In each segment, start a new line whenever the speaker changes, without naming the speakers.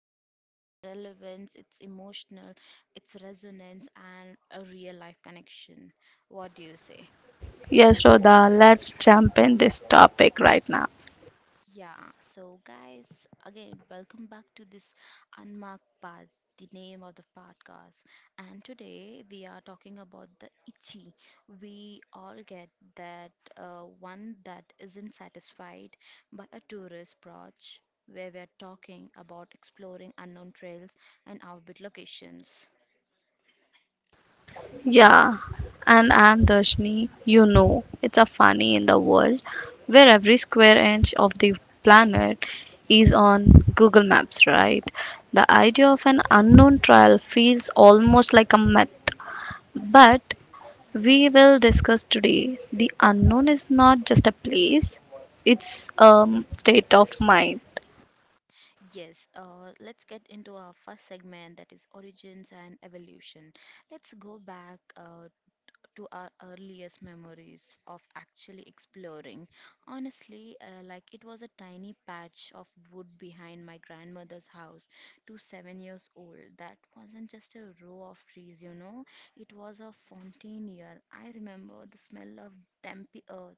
culture, its relevance, its emotional, its resonance, and a real life connection. What do you say?
Yes, Rodha, let's jump in this topic right now.
Yeah, so guys, again, welcome back to this Unmarked Path, the name of the podcast. And today we are talking about the itchy. We all get that one that isn't satisfied by a tourist approach, where we are talking about exploring unknown trails and outbit locations.
Yeah, and I'm Darshni. You know, it's a funny in the world where every square inch of the planet is on Google Maps, right? The idea of an unknown trial feels almost like a myth. But we will discuss today the unknown is not just a place, it's a state of mind.
Yes, let's get into our first segment that is origins and evolution. Let's go back to our earliest memories of actually exploring. Honestly, like it was a tiny patch of wood behind my grandmother's house to 7 years old. That wasn't just a row of trees, you know, it was a fontanier. I remember the smell of dumpy earth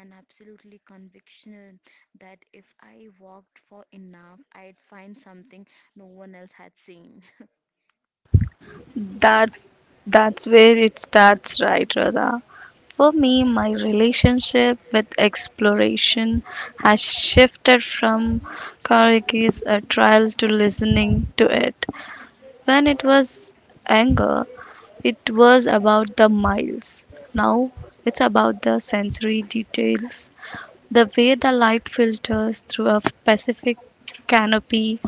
and absolutely conviction that if I walked for enough, I'd find something no one else had seen.
That that's where it starts, right, Radha? For me, my relationship with exploration has shifted from Kariki's a trial to listening to it. When it was anger, it was about the miles. Now it's about the sensory details the way the light filters through a Pacific canopy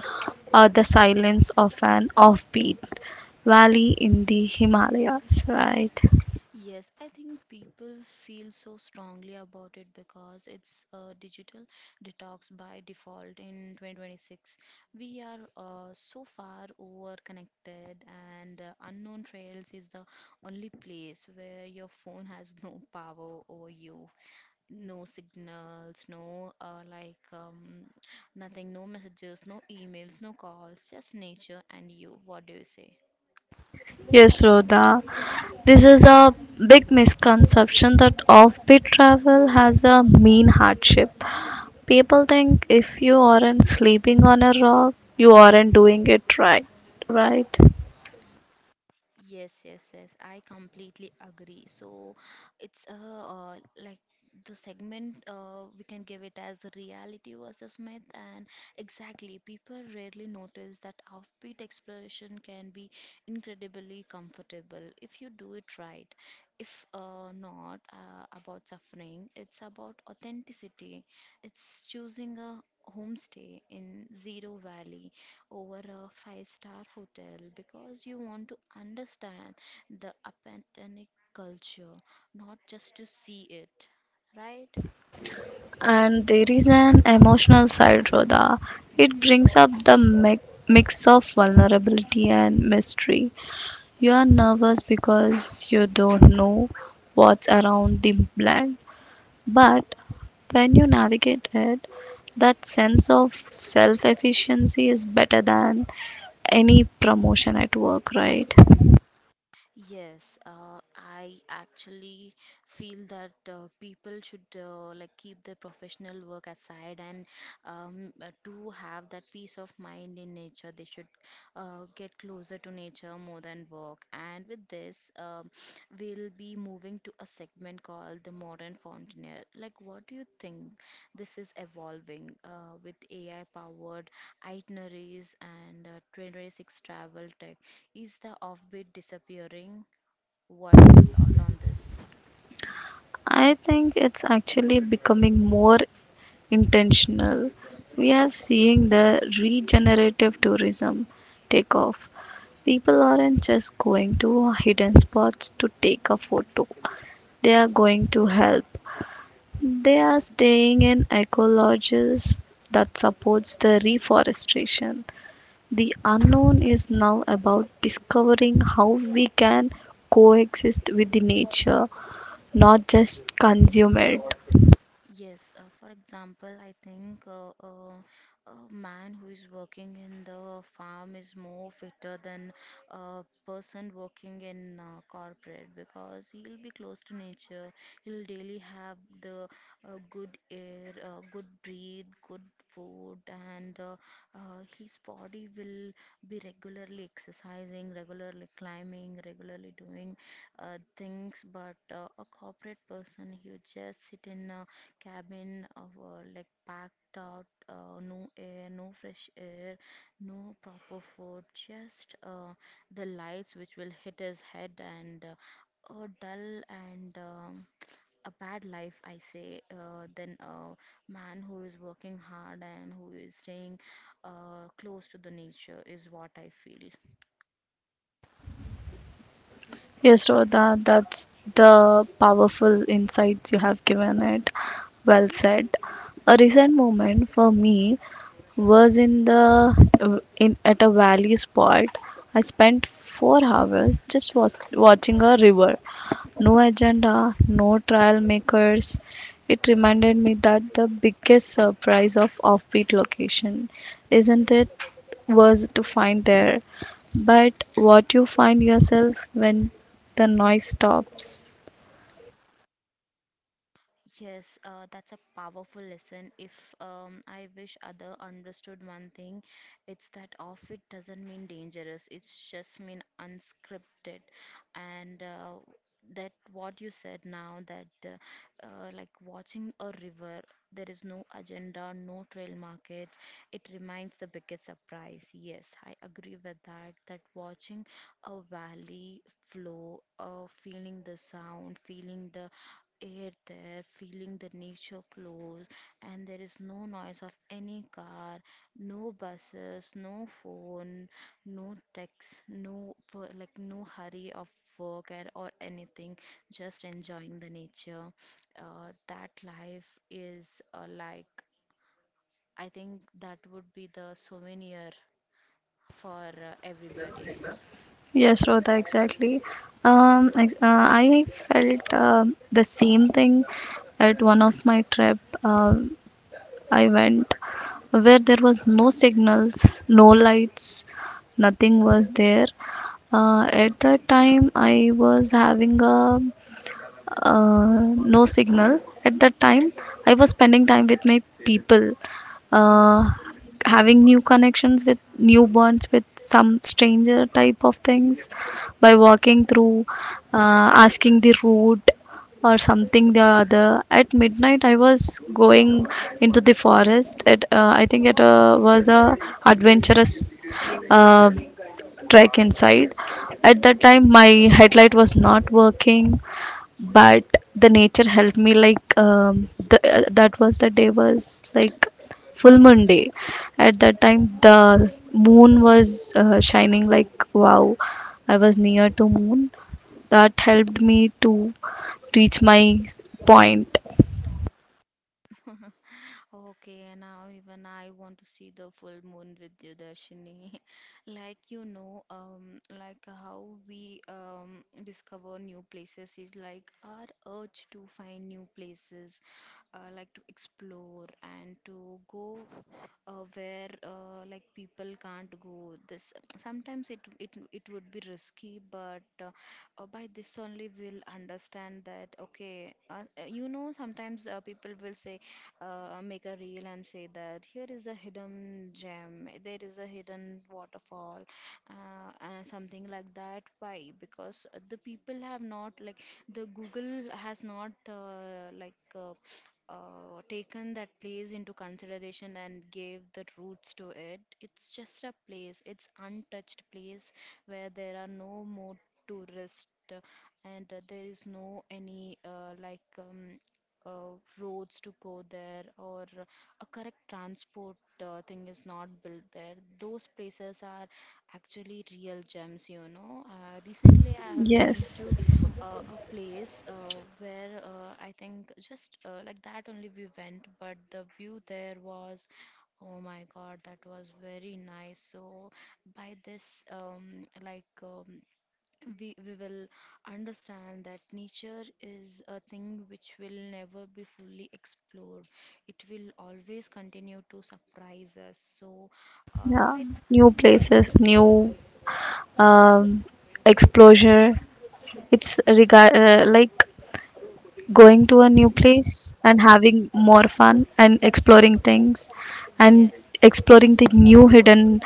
or the silence of an offbeat valley in the Himalayas, right?
Yes, I think people feel so strongly about it because it's a digital detox by default in 2026. We are so far overconnected, and Unknown Trails is the only place where your phone has no power over you. No signals, no like nothing, no messages, no emails, no calls, just nature and you. What do you say?
Yes, Rhoda. This is a big misconception that offbeat travel has a mean hardship. People think if you aren't sleeping on a rock, you aren't doing it right, right?
Yes, yes, yes. I completely agree. So it's like the segment we can give it as reality versus myth, and exactly, people rarely notice that offbeat exploration can be incredibly comfortable if you do it right. If not about suffering, it's about authenticity. It's choosing a homestay in Zero Valley over a 5 star hotel because you want to understand the Apatonic culture, not just to see it, right?
And there is an emotional side, Rhoda. It brings up the mix of vulnerability and mystery. You are nervous because you don't know what's around the blend, but when you navigate it, that sense of self efficiency is better than any promotion at work, right?
Yes, uh, I actually feel that people should like keep their professional work aside and to have that peace of mind in nature, they should get closer to nature more than work. And with this, we'll be moving to a segment called the modern fountaineer. Like, what do you think this is evolving with AI powered itineraries and 2026 travel tech? Is the offbeat disappearing? What's your thought on this?
I think it's actually becoming more intentional. We are seeing the regenerative tourism take off. People aren't just going to hidden spots to take a photo, they are going to help. They are staying in eco lodges that supports the reforestation. The unknown is now about discovering how we can coexist with the nature, not just consume it.
Yes, for example, I think a man who is working in the farm is more fitter than a person working in corporate because he'll be close to nature. He'll daily have the good air, good breathe, good food, and his body will be regularly exercising, regularly climbing, regularly doing things. But a corporate person, he would just sit in a cabin of like packed out, no air, no fresh air, no proper food, just the lights which will hit his head, and a dull and a bad life I say than a man who is working hard and who is staying close to the nature is what I feel.
Yes, Rodha, that's the powerful insights you have given it. Well said. A recent moment for me was in the in at a valley spot. I spent four hours just was, watching a river. No agenda, no trial makers. It reminded me that the biggest surprise of offbeat location, isn't it, was to find there. But what you find yourself when the noise stops.
Yes, that's a powerful lesson. If I wish other understood one thing, it's that off it doesn't mean dangerous. It's just mean unscripted, and that what you said now, that like watching a river, there is no agenda, no trail markets. It remains the biggest surprise. Yes, I agree with that. That watching a valley flow, feeling the sound, feeling the air there, feeling the nature close, and there is no noise of any car, no buses, no phone, no text, like no hurry of work and or anything, just enjoying the nature. That life is, like I think that would be the souvenir for everybody.
Yes, Shraddha, exactly. I felt the same thing at one of my trip. I went where there was no signals, no lights, nothing was there. At that time, I was having a uh, no signal at that time I was spending time with my people uh, having new connections with new bonds with some stranger type of things by walking through asking the route or something the other at midnight I was going into the forest at I think it was a adventurous uh, trek inside at that time my headlight was not working but the nature helped me like the, that was the day was like full moon day at that time the moon was shining like wow I was near to moon that helped me to reach my point
Okay, now even I want to see the full moon with you, Darshini. Like you know, like how we discover new places is like our urge to find new places, like to explore and to go where like people can't go. This sometimes it would be risky, but by this only we'll understand that okay, you know, sometimes people will say make a reel and say that here is a hidden gem, there is a hidden waterfall, and something like that. Why? Because the people have not like the Google has not taken that place into consideration and gave the roots to it. It's just a place, it's untouched place where there are no more tourists, uh, and there is no any roads to go there or a correct transport thing is not built there. Those places are actually real gems, you know. Recently, I have been
yes
to a place where I think just like that only we went, but the view there was. Oh my God, that was very nice. So by this, we will understand that nature is a thing which will never be fully explored. It will always continue to surprise us. So, uh,
yeah
by
new
by
places new um exposure it's regard like going to a new place and having more fun and exploring things and
yes.
exploring the new hidden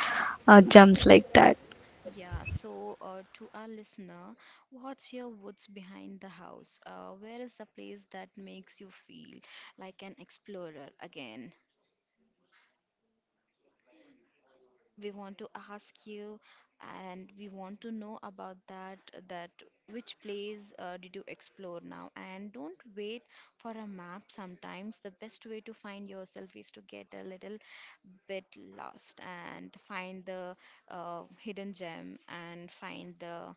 gems like that.
Yeah, so to our listener, what's your woods behind the house? Where is the place that makes you feel like an explorer again? We want to ask you, and we want to know about that which place did you explore now. And don't wait for a map. Sometimes the best way to find yourself is to get a little bit lost, and find the hidden gem, and find the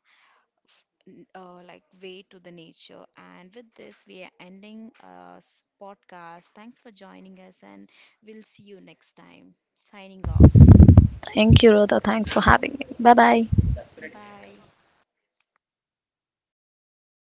like way to the nature. And with this we are ending podcast. Thanks for joining us, and we'll see you next time. Signing off,
Thank you, Rhoda. Thanks for having me. Bye bye.
bye.